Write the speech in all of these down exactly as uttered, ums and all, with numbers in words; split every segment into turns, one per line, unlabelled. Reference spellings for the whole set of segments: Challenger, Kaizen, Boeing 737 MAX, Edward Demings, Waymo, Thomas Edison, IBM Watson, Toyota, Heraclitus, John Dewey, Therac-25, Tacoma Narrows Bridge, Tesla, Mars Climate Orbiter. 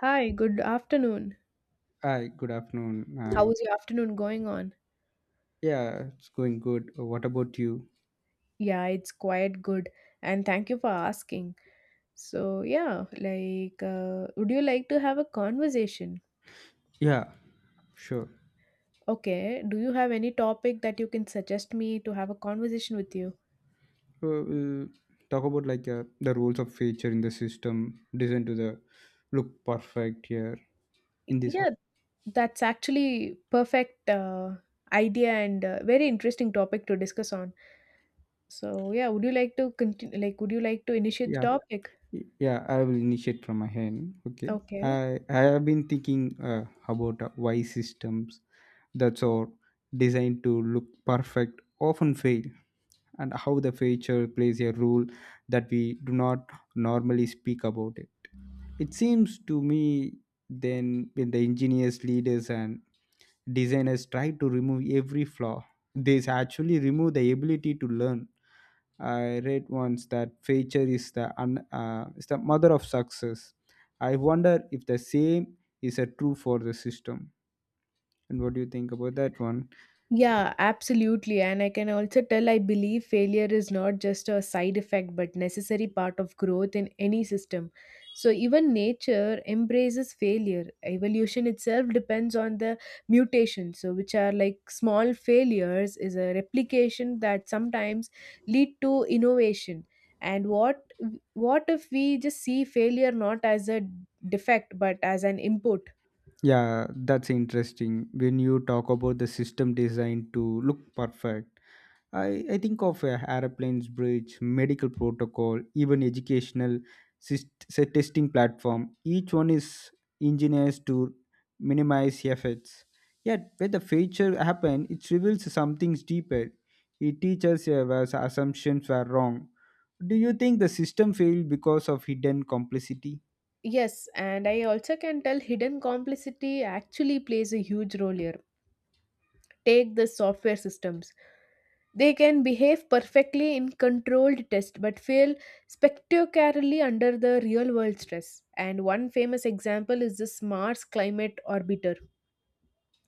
Hi, good afternoon.
Hi, good afternoon.
How
And
is your afternoon going on?
yeah, it's going good. Uh, What about you?
Yeah, it's quite good. And thank you for asking. So, yeah, like, uh, would you like to have a conversation?
Yeah, sure.
Okay, do you have any topic that you can suggest me to have a conversation with you?
Uh, we'll talk about like uh, the rules of feature in the system designed to the look perfect here
Y-
in this.
Yeah, that's actually perfect uh, idea and uh, very interesting topic to discuss on. So, yeah, would you like to continue? Like, would you like to initiate the
Yeah,
topic?
y- yeah. I will initiate from my hand. Okay.
Okay.
I I have been thinking uh, about uh, why systems that's all designed to look perfect often fail, and how the feature plays a role that we do not normally speak about it. It seems to me then when the engineers, leaders, and designers try to remove every flaw, they actually remove the ability to learn. I read once that failure is the un, uh, is the mother of success. I wonder if the same is a true for the system. And what do you think about that one?
Yeah, absolutely. And I can also tell I believe failure is not just a side effect but necessary part of growth in any system. So even nature embraces failure. Evolution itself depends on the mutation. So which are like small failures is a replication that sometimes lead to innovation. And what what if we just see failure not as a defect but as an input?
Yeah, that's interesting. When you talk about the system designed to look perfect, I, I think of uh, airplanes, bridge, medical protocol, even educational syst- say, testing platform. Each one is engineers to minimize effects. Yet, when the failure happen, it reveals something deeper. It teaches us uh, where the assumptions were wrong. Do you think the system failed because of hidden complicity?
Yes, and I also can tell hidden complicity actually plays a huge role here. Take the software systems. They can behave perfectly in controlled test but fail spectacularly under the real world stress. And one famous example is the Mars Climate Orbiter.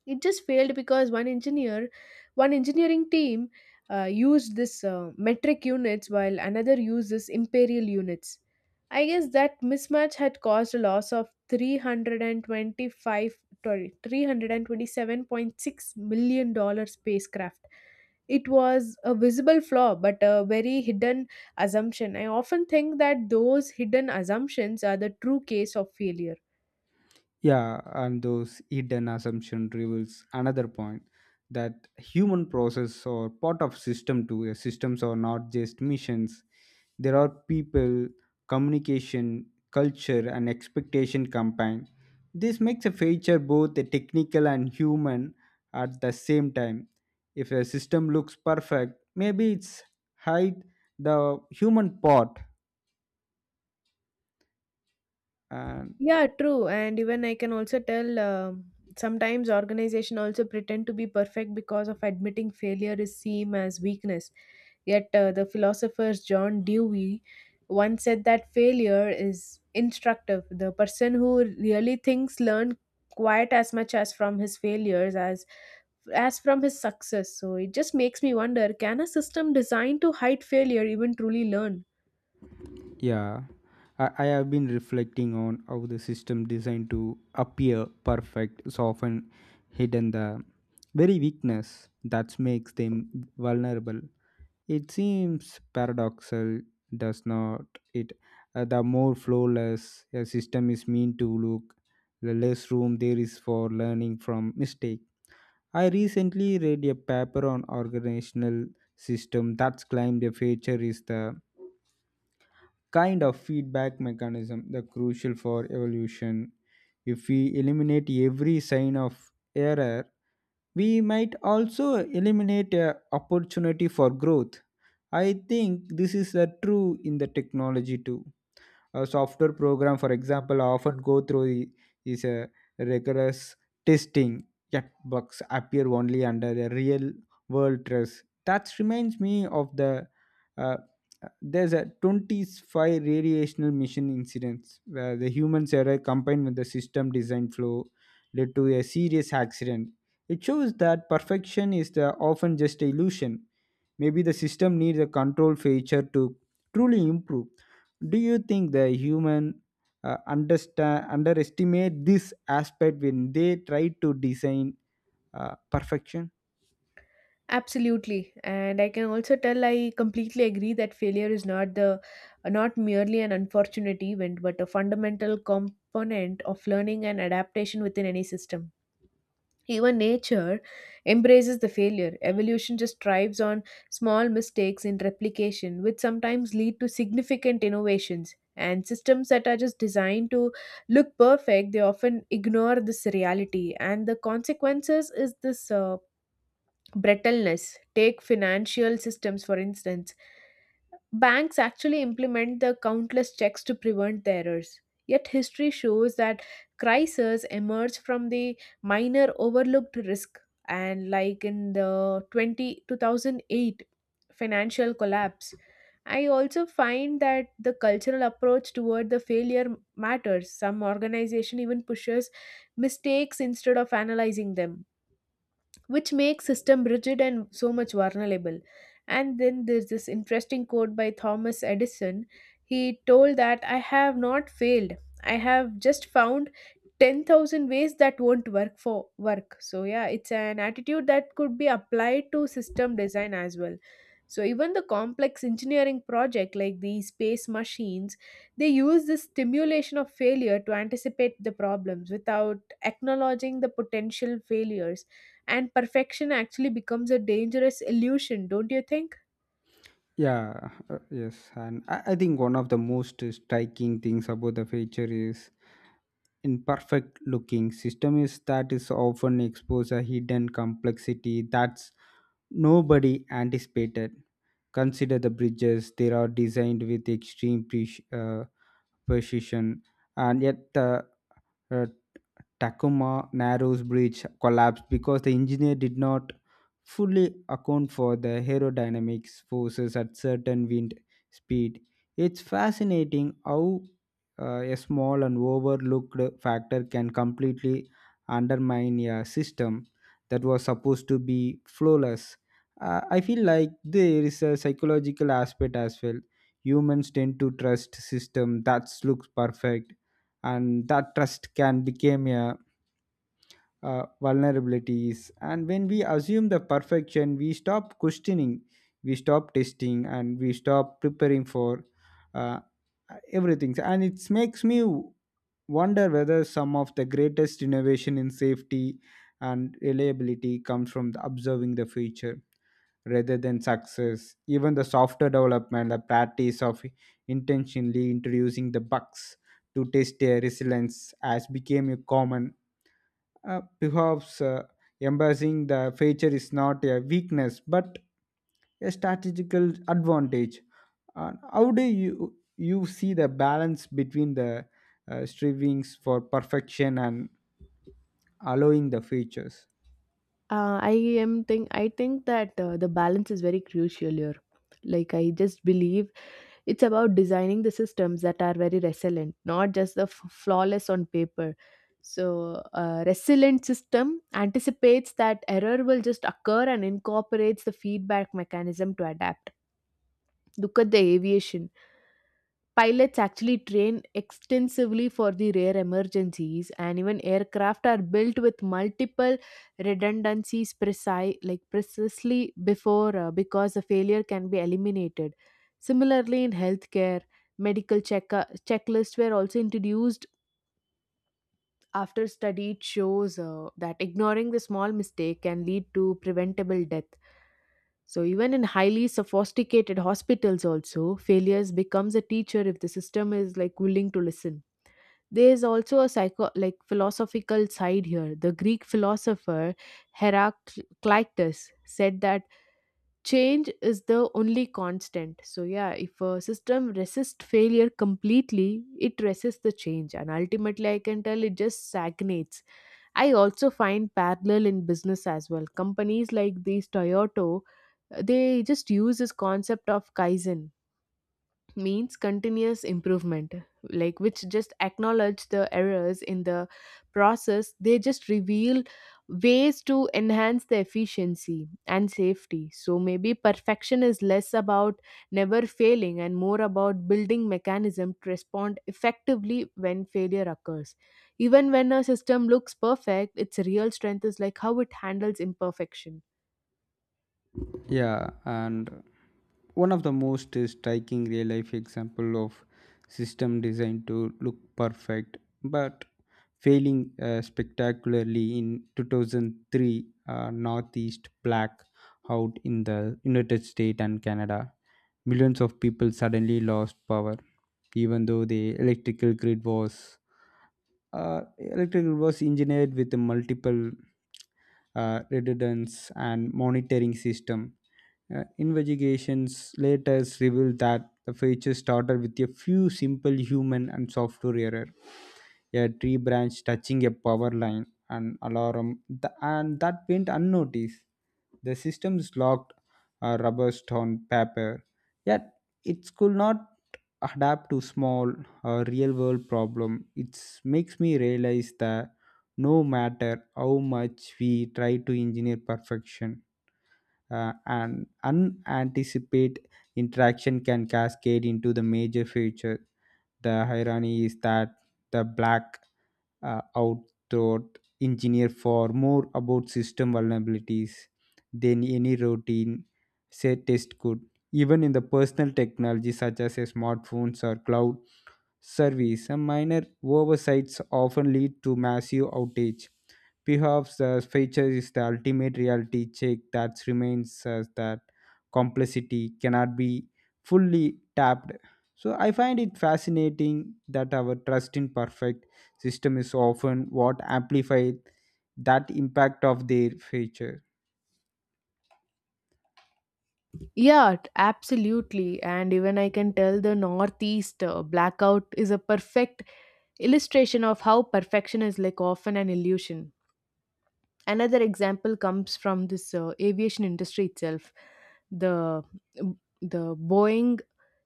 It just failed because one engineer one engineering team uh, used this uh, metric units while another uses imperial units. I guess that mismatch had caused a loss of three hundred twenty-five, sorry, three hundred twenty-seven point six million dollar spacecraft. It was a visible flaw but a very hidden assumption. I often think that those hidden assumptions are the true case of failure.
Yeah, and those hidden assumption reveals another point that human process or part of system too. Yeah, systems are not just missions. There are people, communication, culture, and expectation combined. This makes a feature both a technical and human at the same time. If a system looks perfect, maybe it's hide the human part. And.
Yeah, true. And even I can also tell um sometimes organization also pretend to be perfect because of admitting failure is seen as weakness. Yet uh, the philosophers John Dewey once said that failure is instructive. The person who really thinks learn quite as much as from his failures as as from his success. So it just makes me wonder, can a system designed to hide failure even truly learn?
Yeah, I, I have been reflecting on how the system designed to appear perfect is often hidden the very weakness that makes them vulnerable. It seems paradoxal, does not it? Uh, the more flawless a system is meant to look, the less room there is for learning from mistake. I recently read a paper on organizational system that's claimed a feature is the kind of feedback mechanism the crucial for evolution. If we eliminate every sign of error, we might also eliminate a opportunity for growth. I think this is uh, true in the technology too. A software program, for example, often go through i- is a rigorous testing, yet bugs appear only under the real world stress. That reminds me of the uh, there's a twenty-five radiational mission incidents where the human's error combined with the system design flow led to a serious accident. It shows that perfection is the often just illusion. Maybe the system needs a control feature to truly improve. Do you think the human uh, understand underestimate this aspect when they try to design uh, perfection?
Absolutely. And I can also tell I completely agree that failure is not the not merely an unfortunate event, but a fundamental component of learning and adaptation within any system. Even nature embraces the failure. Evolution just thrives on small mistakes in replication, which sometimes lead to significant innovations. And systems that are just designed to look perfect, they often ignore this reality. And the consequences is this uh, brittleness. Take financial systems, for instance. Banks actually implement the countless checks to prevent the errors. Yet history shows that crises emerge from the minor overlooked risk. And like in the twenty two thousand eight financial collapse, I also find that the cultural approach toward the failure matters. Some organization even pushes mistakes instead of analyzing them, which makes system rigid and so much vulnerable. And then there's this interesting quote by Thomas Edison. He told that I have not failed, I have just found ten thousand ways that won't work for work. So yeah, it's an attitude that could be applied to system design as well. So even the complex engineering project like the space machines, they use this stimulation of failure to anticipate the problems without acknowledging the potential failures, and perfection actually becomes a dangerous illusion, don't you think?
Yeah, uh, yes, and I, I think one of the most striking things about the feature is imperfect looking system is that is often expose a hidden complexity that's nobody anticipated. Consider the bridges, they are designed with extreme pre- uh, precision, and yet the uh, Tacoma Narrows Bridge collapsed because the engineer did not fully account for the aerodynamics forces at certain wind speed. It's fascinating how uh, a small and overlooked factor can completely undermine a system that was supposed to be flawless. Uh, I feel like there is a psychological aspect as well. Humans tend to trust system that looks perfect, and that trust can become a, uh, vulnerabilities. And when we assume the perfection, we stop questioning, we stop testing, and we stop preparing for uh, everything. And it makes me wonder whether some of the greatest innovation in safety and reliability comes from the observing the future rather than success. Even the software development, the practice of intentionally introducing the bugs to test their resilience has become a common. Uh, perhaps uh, embracing the feature is not a weakness but a strategical advantage. Uh, how do you you see the balance between the uh, strivings for perfection and allowing the features?
Uh, I am think I think that uh, the balance is very crucial here. Like I just believe it's about designing the systems that are very resilient, not just the f- flawless on paper. So a resilient system anticipates that error will just occur and incorporates the feedback mechanism to adapt. Look at the aviation. Pilots actually train extensively for the rare emergencies, and even aircraft are built with multiple redundancies precise, like precisely before uh, because a failure can be eliminated. Similarly, in healthcare, medical check- checklists were also introduced after study. It shows uh, that ignoring the small mistake can lead to preventable death. So even in highly sophisticated hospitals also failures becomes a teacher if the system is like willing to listen. There is also a psycho like philosophical side here. The Greek philosopher Heraclitus said that change is the only constant. So yeah, if a system resists failure completely, it resists the change, and ultimately I can tell it just stagnates. I also find parallel in business as well. Companies like these Toyota, they just use this concept of Kaizen, means continuous improvement, like which just acknowledge the errors in the process. They just reveal ways to enhance the efficiency and safety. So maybe perfection is less about never failing and more about building mechanism to respond effectively when failure occurs. Even when a system looks perfect, its real strength is like how it handles imperfection.
Yeah, and one of the most striking real life example of system designed to look perfect but failing uh, spectacularly in two thousand three, uh, northeast black out in the united states and canada. Millions of people suddenly lost power, even though the electrical grid was uh, electric was engineered with multiple uh, redundance and monitoring system. Uh, investigations later revealed that the feature started with a few simple human and software error. A tree branch touching a power line, an alarm, th- and that went unnoticed. The system's locked uh, rubber on paper, yet it could not adapt to small a real world problem. It makes me realize that no matter how much we try to engineer perfection, uh, an unanticipated interaction can cascade into the major future. The irony is that the black uh, outthought engineer for more about system vulnerabilities than any routine say test could. Even in the personal technology such as a smartphones or cloud service. A minor oversights often lead to massive outage. Perhaps the feature is the ultimate reality check that remains as that complexity cannot be fully tapped. So I find it fascinating that our trust in perfect system is often what amplifies that impact of their feature.
Yeah, t- absolutely. And even I can tell the Northeast uh, blackout is a perfect illustration of how perfection is like often an illusion. Another example comes from this uh, aviation industry itself. The the Boeing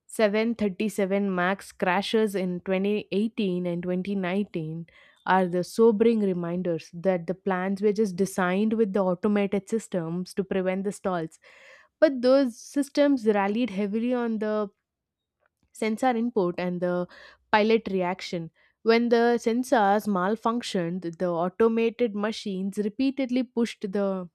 seven thirty-seven MAX crashes in twenty eighteen and twenty nineteen are the sobering reminders that the plans were just designed with the automated systems to prevent the stalls. But those systems rallied heavily on the sensor input and the pilot reaction. When the sensors malfunctioned, the automated machines repeatedly pushed the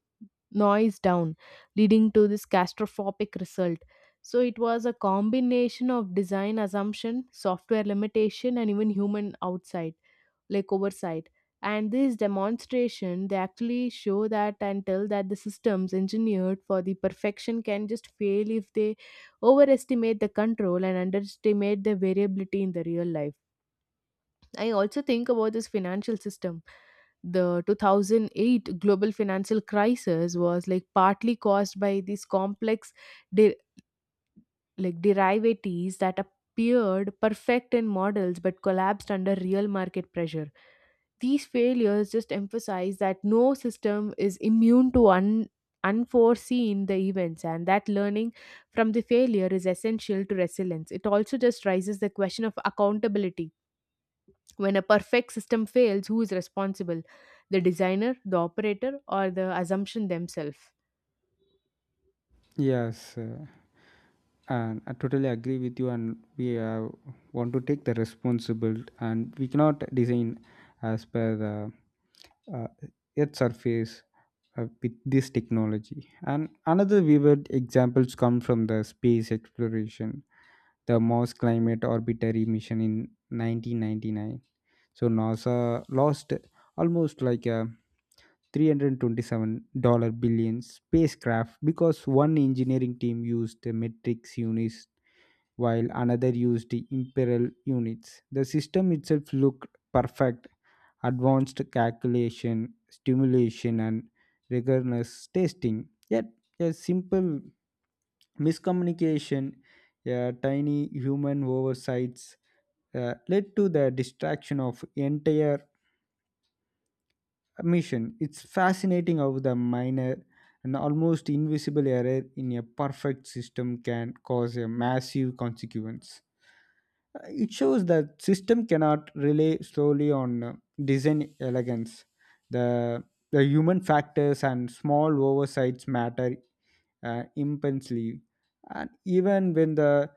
noise down, leading to this catastrophic result. So it was a combination of design assumption, software limitation, and even human outside, like oversight. And this demonstration, they actually show that and tell that the systems engineered for the perfection can just fail if they overestimate the control and underestimate the variability in the real life. I also think about this financial system. The two thousand eight global financial crisis was like partly caused by these complex de- like derivatives that appeared perfect in models but collapsed under real market pressure. These failures just emphasize that no system is immune to un- unforeseen the events and that learning from the failure is essential to resilience. It also just raises the question of accountability. When a perfect system fails, who is responsible? The designer, the operator, or the assumption themselves?
Yes. Uh, and I totally agree with you, and we uh, want to take the responsible, and we cannot design as per the uh, earth surface uh, with this technology. And another vivid examples come from the space exploration, the mars climate orbiter mission in nineteen ninety-nine. So nasa lost almost like a three hundred twenty-seven dollar billion spacecraft because one engineering team used the metrics units while another used the imperial units. The system itself looked perfect, advanced calculation stimulation and rigorous testing, yet a simple miscommunication, a tiny human oversights, uh, led to the destruction of entire mission. It's fascinating how the minor and almost invisible error in a perfect system can cause a massive consequence. Uh, It shows that system cannot rely solely on uh, design elegance. The, the human factors and small oversights matter uh, immensely. And even when the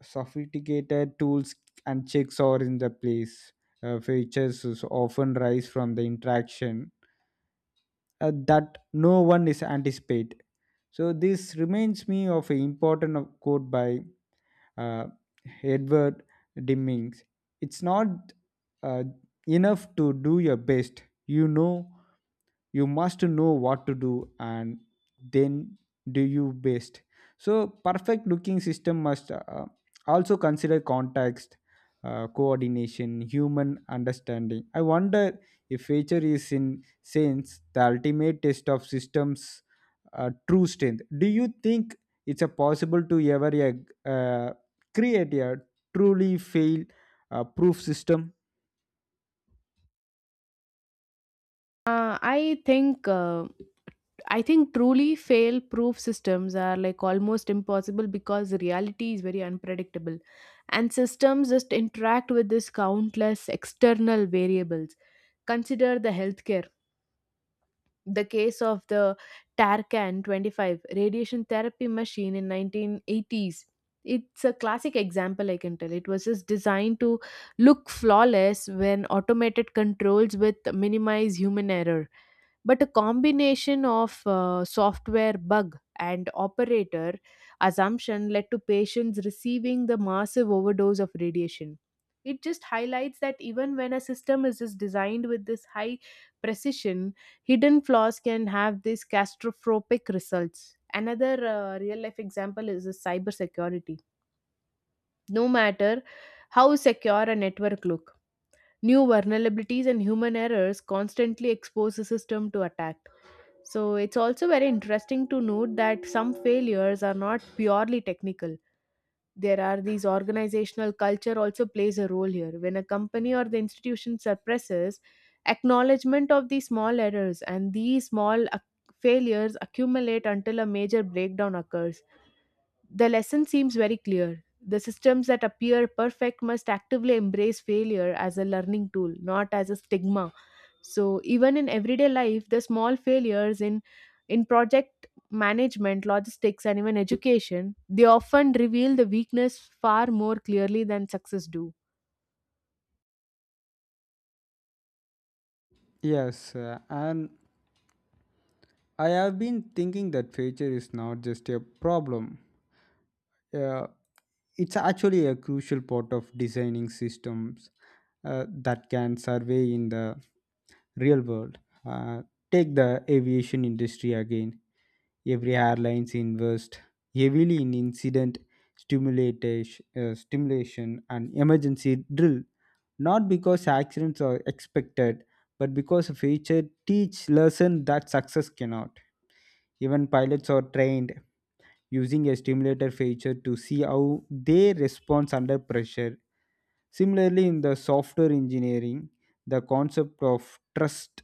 sophisticated tools and checks are in the place, uh, features is often rise from the interaction uh, that no one is anticipate. So this reminds me of an important of- quote by uh, Edward Demings. It's not uh, enough to do your best. You know you must know what to do and then do you best. So perfect looking system must uh, uh, also consider context, uh, coordination, human understanding. I wonder if nature is in sense the ultimate test of systems uh, true strength. Do you think it's a possible to ever uh, create a truly fail uh, proof system?
Uh, I think uh, I think truly fail-proof systems are like almost impossible because reality is very unpredictable, and systems just interact with this countless external variables. Consider the healthcare, the case of the Tarcan twenty-five radiation therapy machine in nineteen eighties. It's a classic example, I can tell. It was just designed to look flawless when automated controls with minimize human error, but a combination of uh, software bug and operator assumption led to patients receiving the massive overdose of radiation. It just highlights that even when a system is just designed with this high precision, hidden flaws can have these catastrophic results. Another uh, real life example is the cybersecurity. No matter how secure a network look, new vulnerabilities and human errors constantly expose the system to attack. So it's also very interesting to note that some failures are not purely technical. There are these organizational culture also plays a role here. When a company or the institution suppresses acknowledgement of these small errors and these small ac- failures accumulate until a major breakdown occurs. The lesson seems very clear. The systems that appear perfect must actively embrace failure as a learning tool, not as a stigma. So, even in everyday life, the small failures in, in project management, logistics, and even education, they often reveal the weakness far more clearly than success do.
Yes, uh, and I have been thinking that failure is not just a problem. Uh, it's actually a crucial part of designing systems uh, that can survey in the real world. Uh, Take the aviation industry again. Every airlines invest heavily in incident stimulation, uh, stimulation and emergency drill, not because accidents are expected, but because a failure teach lesson that success cannot. Even pilots are trained using a stimulator feature to see how they respond under pressure. Similarly, in the software engineering, the concept of trust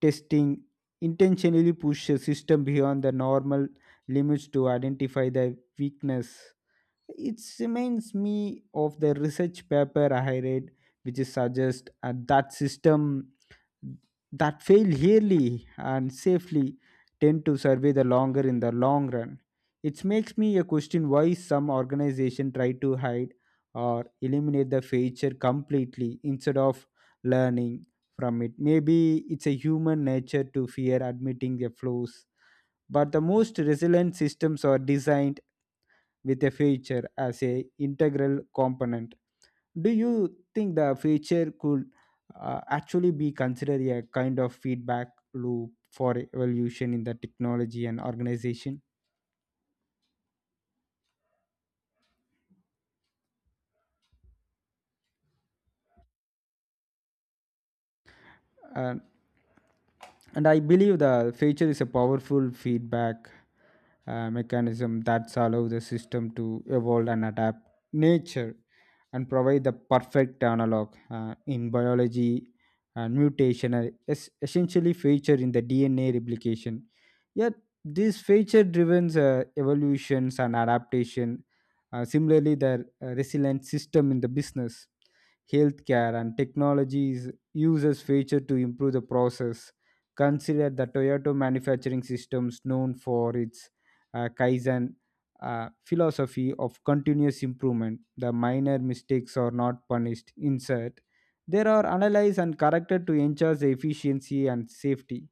testing intentionally pushes a system beyond the normal limits to identify the weakness. It reminds me of the research paper I read, which suggests uh, that system that fail yearly and safely tend to survive the longer in the long run. It makes me a question why some organizations try to hide or eliminate the failure completely instead of learning from it. Maybe it's a human nature to fear admitting their flaws, but the most resilient systems are designed with a failure as a integral component. Do you think the future could uh, actually be considered a kind of feedback loop for evolution in the technology and organization? And and I believe the feature is a powerful feedback uh, mechanism that allows the system to evolve and adapt. Nature and provide the perfect analog uh, in biology, and mutation are es- essentially feature in the D N A replication, yet these feature driven uh, evolutions and adaptation. Uh, similarly, the uh, resilient system in the business, healthcare, and technologies uses feature to improve the process. Consider the Toyota manufacturing systems, known for its uh, Kaizen uh, philosophy of continuous improvement. The minor mistakes are not punished. Insert. They are analyzed and corrected to ensure the efficiency and safety.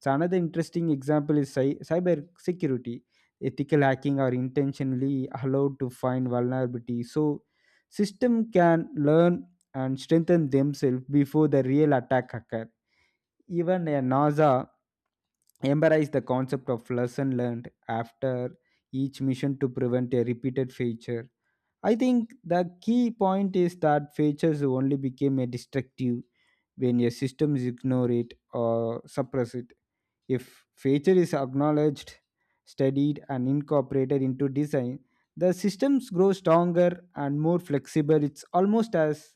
So another interesting example is cy- cyber security. Ethical hacking are intentionally allowed to find vulnerability, so system can learn and strengthen themselves before the real attack occurs. Even uh, NASA embraced the concept of lesson learned after each mission to prevent a repeated failure. I think the key point is that failures only became a destructive when a system is ignored or suppressed. If failure is acknowledged, studied, and incorporated into design, the systems grow stronger and more flexible. It's almost as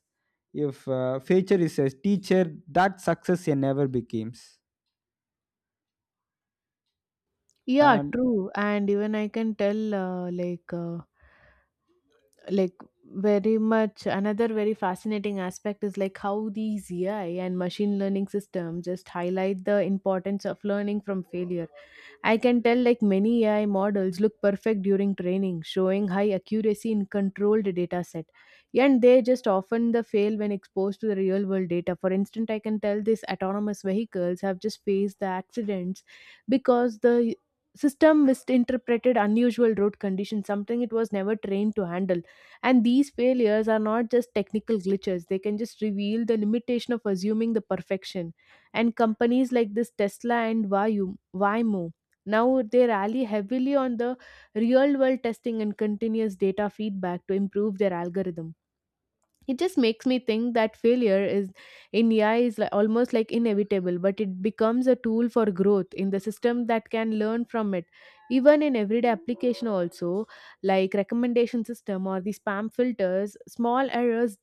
if uh, failure is a teacher that success never becomes.
Yeah,
And
true. And even I can tell, uh, like, uh, like very much another very fascinating aspect is like how these AI and machine learning system just highlight the importance of learning from failure. I can tell like many A I models look perfect during training, showing high accuracy in controlled data set. And they just often the fail when exposed to the real world data. For instance, I can tell these autonomous vehicles have just faced the accidents because the system misinterpreted unusual road conditions, something it was never trained to handle. And these failures are not just technical glitches, they can just reveal the limitation of assuming the perfection. And companies like this Tesla and Vayu, Waymo, now they rely heavily on the real world testing and continuous data feedback to improve their algorithm. It just makes me think that failure is in A I is like almost like inevitable, but it becomes a tool for growth in the system that can learn from it. Even in everyday application, also like recommendation system or the spam filters, small errors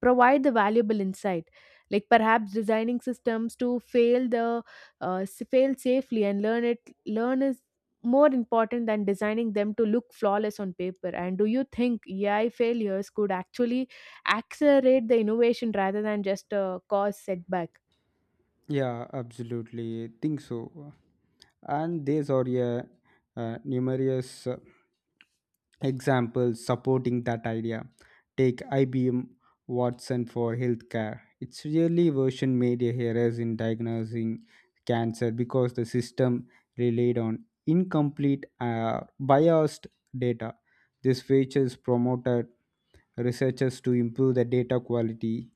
provide the valuable insight. Like perhaps designing systems to fail the uh, s- fail safely and learn it learn is more important than designing them to look flawless on paper. And do you think A I failures could actually accelerate the innovation rather than just uh, cause setback?
yeah, absolutely. I think so. And these are a, uh, numerous uh, examples supporting that idea. Take I B M Watson for healthcare. Its really version made a errors in diagnosing cancer because the system relied on incomplete uh, biased data. This features promoted researchers to improve the data quality,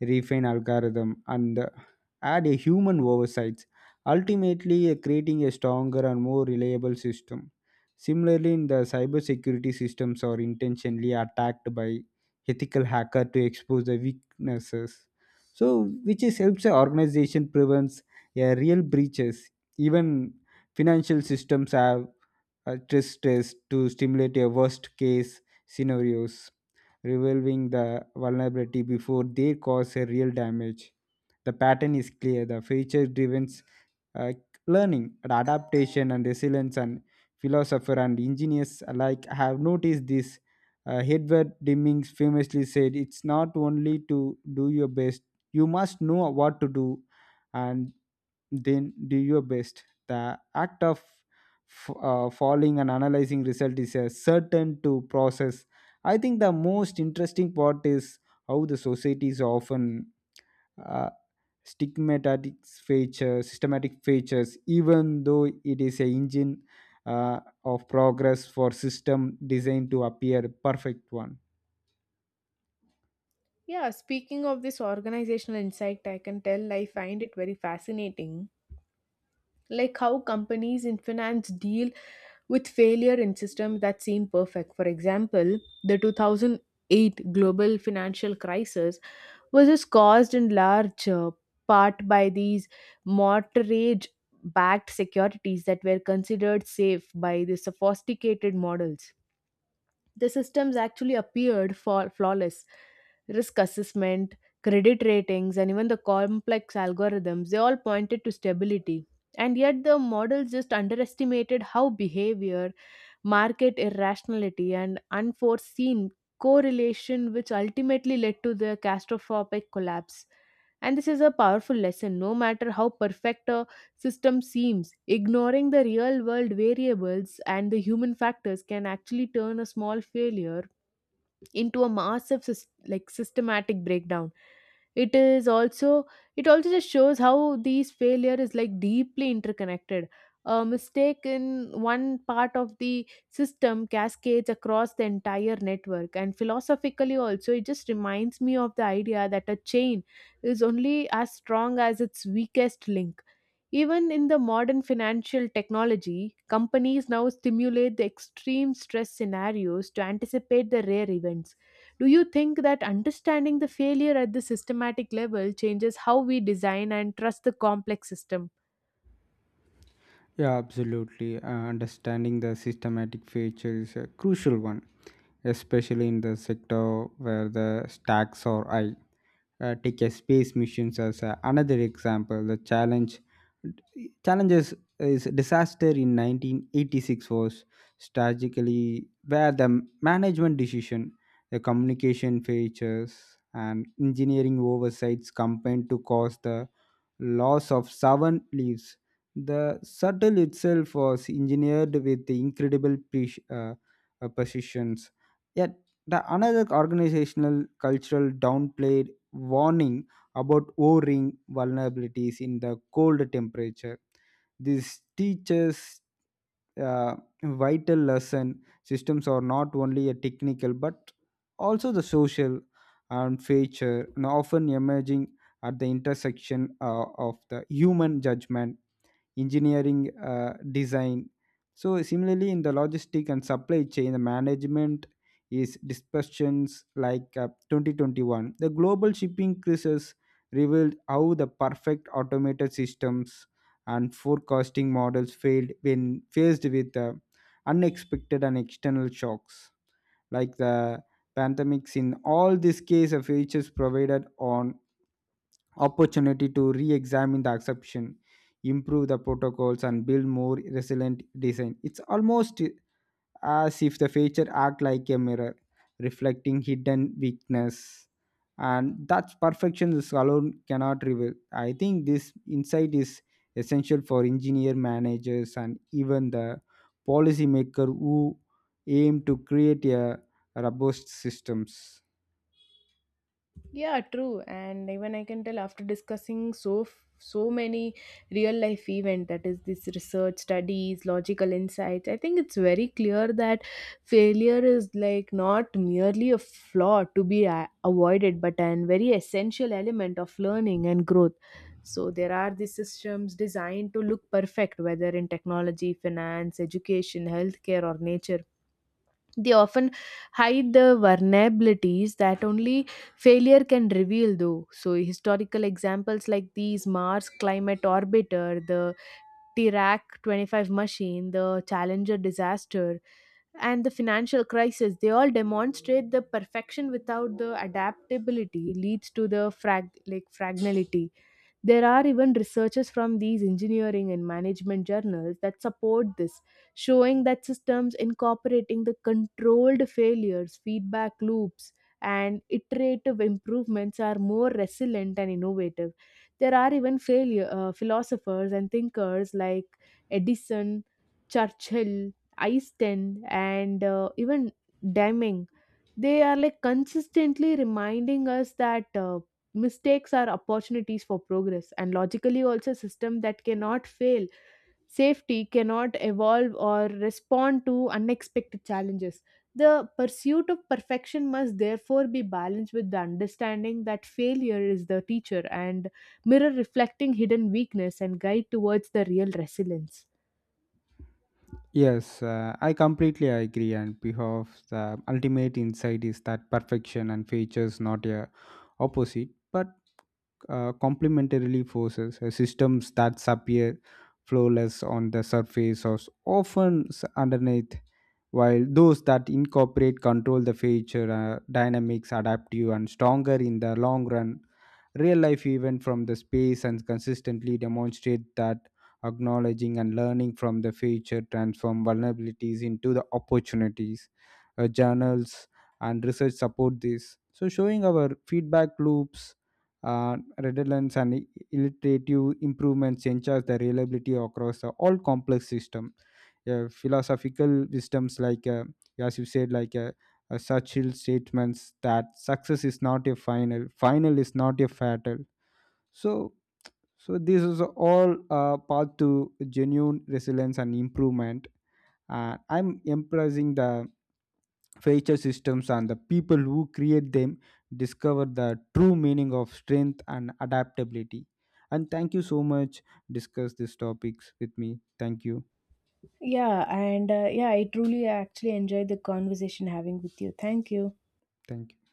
refine algorithm, and uh, add a human oversight ultimately uh, creating a stronger and more reliable system. Similarly, in the cybersecurity systems are intentionally attacked by ethical hacker to expose the weaknesses. So, which is helps the organization prevents a real breaches. Even financial systems have a stress test to stimulate a worst case scenarios, revealing the vulnerability before they cause a real damage. The pattern is clear. The feature driven uh, learning adaptation and resilience, and philosopher and engineers alike have noticed this. uh, Edward Demings famously said, it's not only to do your best, you must know what to do and then do your best. The act of f- uh, following and analyzing result is a certain to process. I think the most interesting part is how the societies often uh, stigmatic features, systematic features, even though it is a engine uh, of progress for system designed to appear perfect one.
Yeah, speaking of this organizational insight, I can tell I find it very fascinating. Like how companies in finance deal with failure in systems that seem perfect. For example, the two thousand eight global financial crisis was just caused in large uh, part by these mortgage backed securities that were considered safe by the sophisticated models. The systems actually appeared for flawless risk assessment, credit ratings, and even the complex algorithms. They all pointed to stability, and yet the models just underestimated how behavior, market irrationality, and unforeseen correlation, which ultimately led to the catastrophic collapse. And this is a powerful lesson. No matter how perfect a system seems, ignoring the real world variables and the human factors can actually turn a small failure into a massive sys- like systematic breakdown. It is also, it also just shows how these failure is like deeply interconnected. A mistake in one part of the system cascades across the entire network. And philosophically also, it just reminds me of the idea that a chain is only as strong as its weakest link. Even in the modern financial technology, companies now stimulate the extreme stress scenarios to anticipate the rare events. Do you think that understanding the failure at the systematic level changes how we design and trust the complex system?
Yeah, absolutely. Uh, understanding the systematic feature is a crucial one, especially in the sector where the stacks are high. Uh, take a space missions as a, another example. The challenge Challenges is disaster in nineteen eighty-six was strategically where the management decision, the communication features, and engineering oversights combined to cause the loss of seven lives. The shuttle itself was engineered with the incredible pre- uh, uh, precisions. Yet, the another organizational cultural downplayed warning about O-ring vulnerabilities in the cold temperature. This teaches uh, vital lesson. Systems are not only a technical but also the social and feature, and often emerging at the intersection uh, of the human judgment, engineering uh, design. So similarly, in the logistic and supply chain, the management is discussions like uh, twenty twenty-one the global shipping crisis revealed how the perfect automated systems and forecasting models failed when faced with uh, unexpected and external shocks like the pandemics. In all these case of features provided on opportunity to re-examine the exception, improve the protocols, and build more resilient design. It's almost as if the feature act like a mirror reflecting hidden weakness, and that perfection is alone cannot reveal. I think this insight is essential for engineer managers and even the policymaker who aim to create a robust systems.
Yeah, true. And even I can tell, after discussing so f- so many real life event that is this research studies logical insights, I think it's very clear that failure is like not merely a flaw to be a- avoided but an very essential element of learning and growth. So there are these systems designed to look perfect, whether in technology, finance, education, healthcare, or nature, they often hide the vulnerabilities that only failure can reveal, though. So, historical examples like these Mars Climate Orbiter, the Dirac twenty-five machine, the Challenger disaster, and the financial crisis, they all demonstrate the perfection without the adaptability leads to the frag like fragility. There are even researchers from these engineering and management journals that support this, showing that systems incorporating the controlled failures, feedback loops, and iterative improvements are more resilient and innovative. There are even failure uh, philosophers and thinkers like Edison, Churchill, Einstein, and uh, even Deming. They are like consistently reminding us that uh, mistakes are opportunities for progress. And logically also a system that cannot fail safety cannot evolve or respond to unexpected challenges. The pursuit of perfection must therefore be balanced with the understanding that failure is the teacher and mirror reflecting hidden weakness and guide towards the real resilience.
Yes, uh, I completely agree. And behalf the ultimate insight is that perfection and features not a opposite, but uh, complementarily forces. Uh, systems that appear flawless on the surface or often s- underneath, while those that incorporate control the feature uh, dynamics adaptive and stronger in the long run. Real life event from the space and consistently demonstrate that acknowledging and learning from the future transform vulnerabilities into the opportunities. Uh, journals and research support this, so showing our feedback loops, uh, redundancy, and iterative improvements ensures the reliability across the all complex system. Uh, philosophical wisdoms like, uh, as you said, like uh, uh, such statements that success is not a final, final is not a fatal. So, so this is all uh, path to genuine resilience and improvement. Uh, I'm emphasizing the feature systems and the people who create them discover the true meaning of strength and adaptability. And thank you so much. Discuss these topics with me. Thank you.
Yeah, and uh, yeah, I truly actually enjoyed the conversation having with you. Thank you.
Thank you.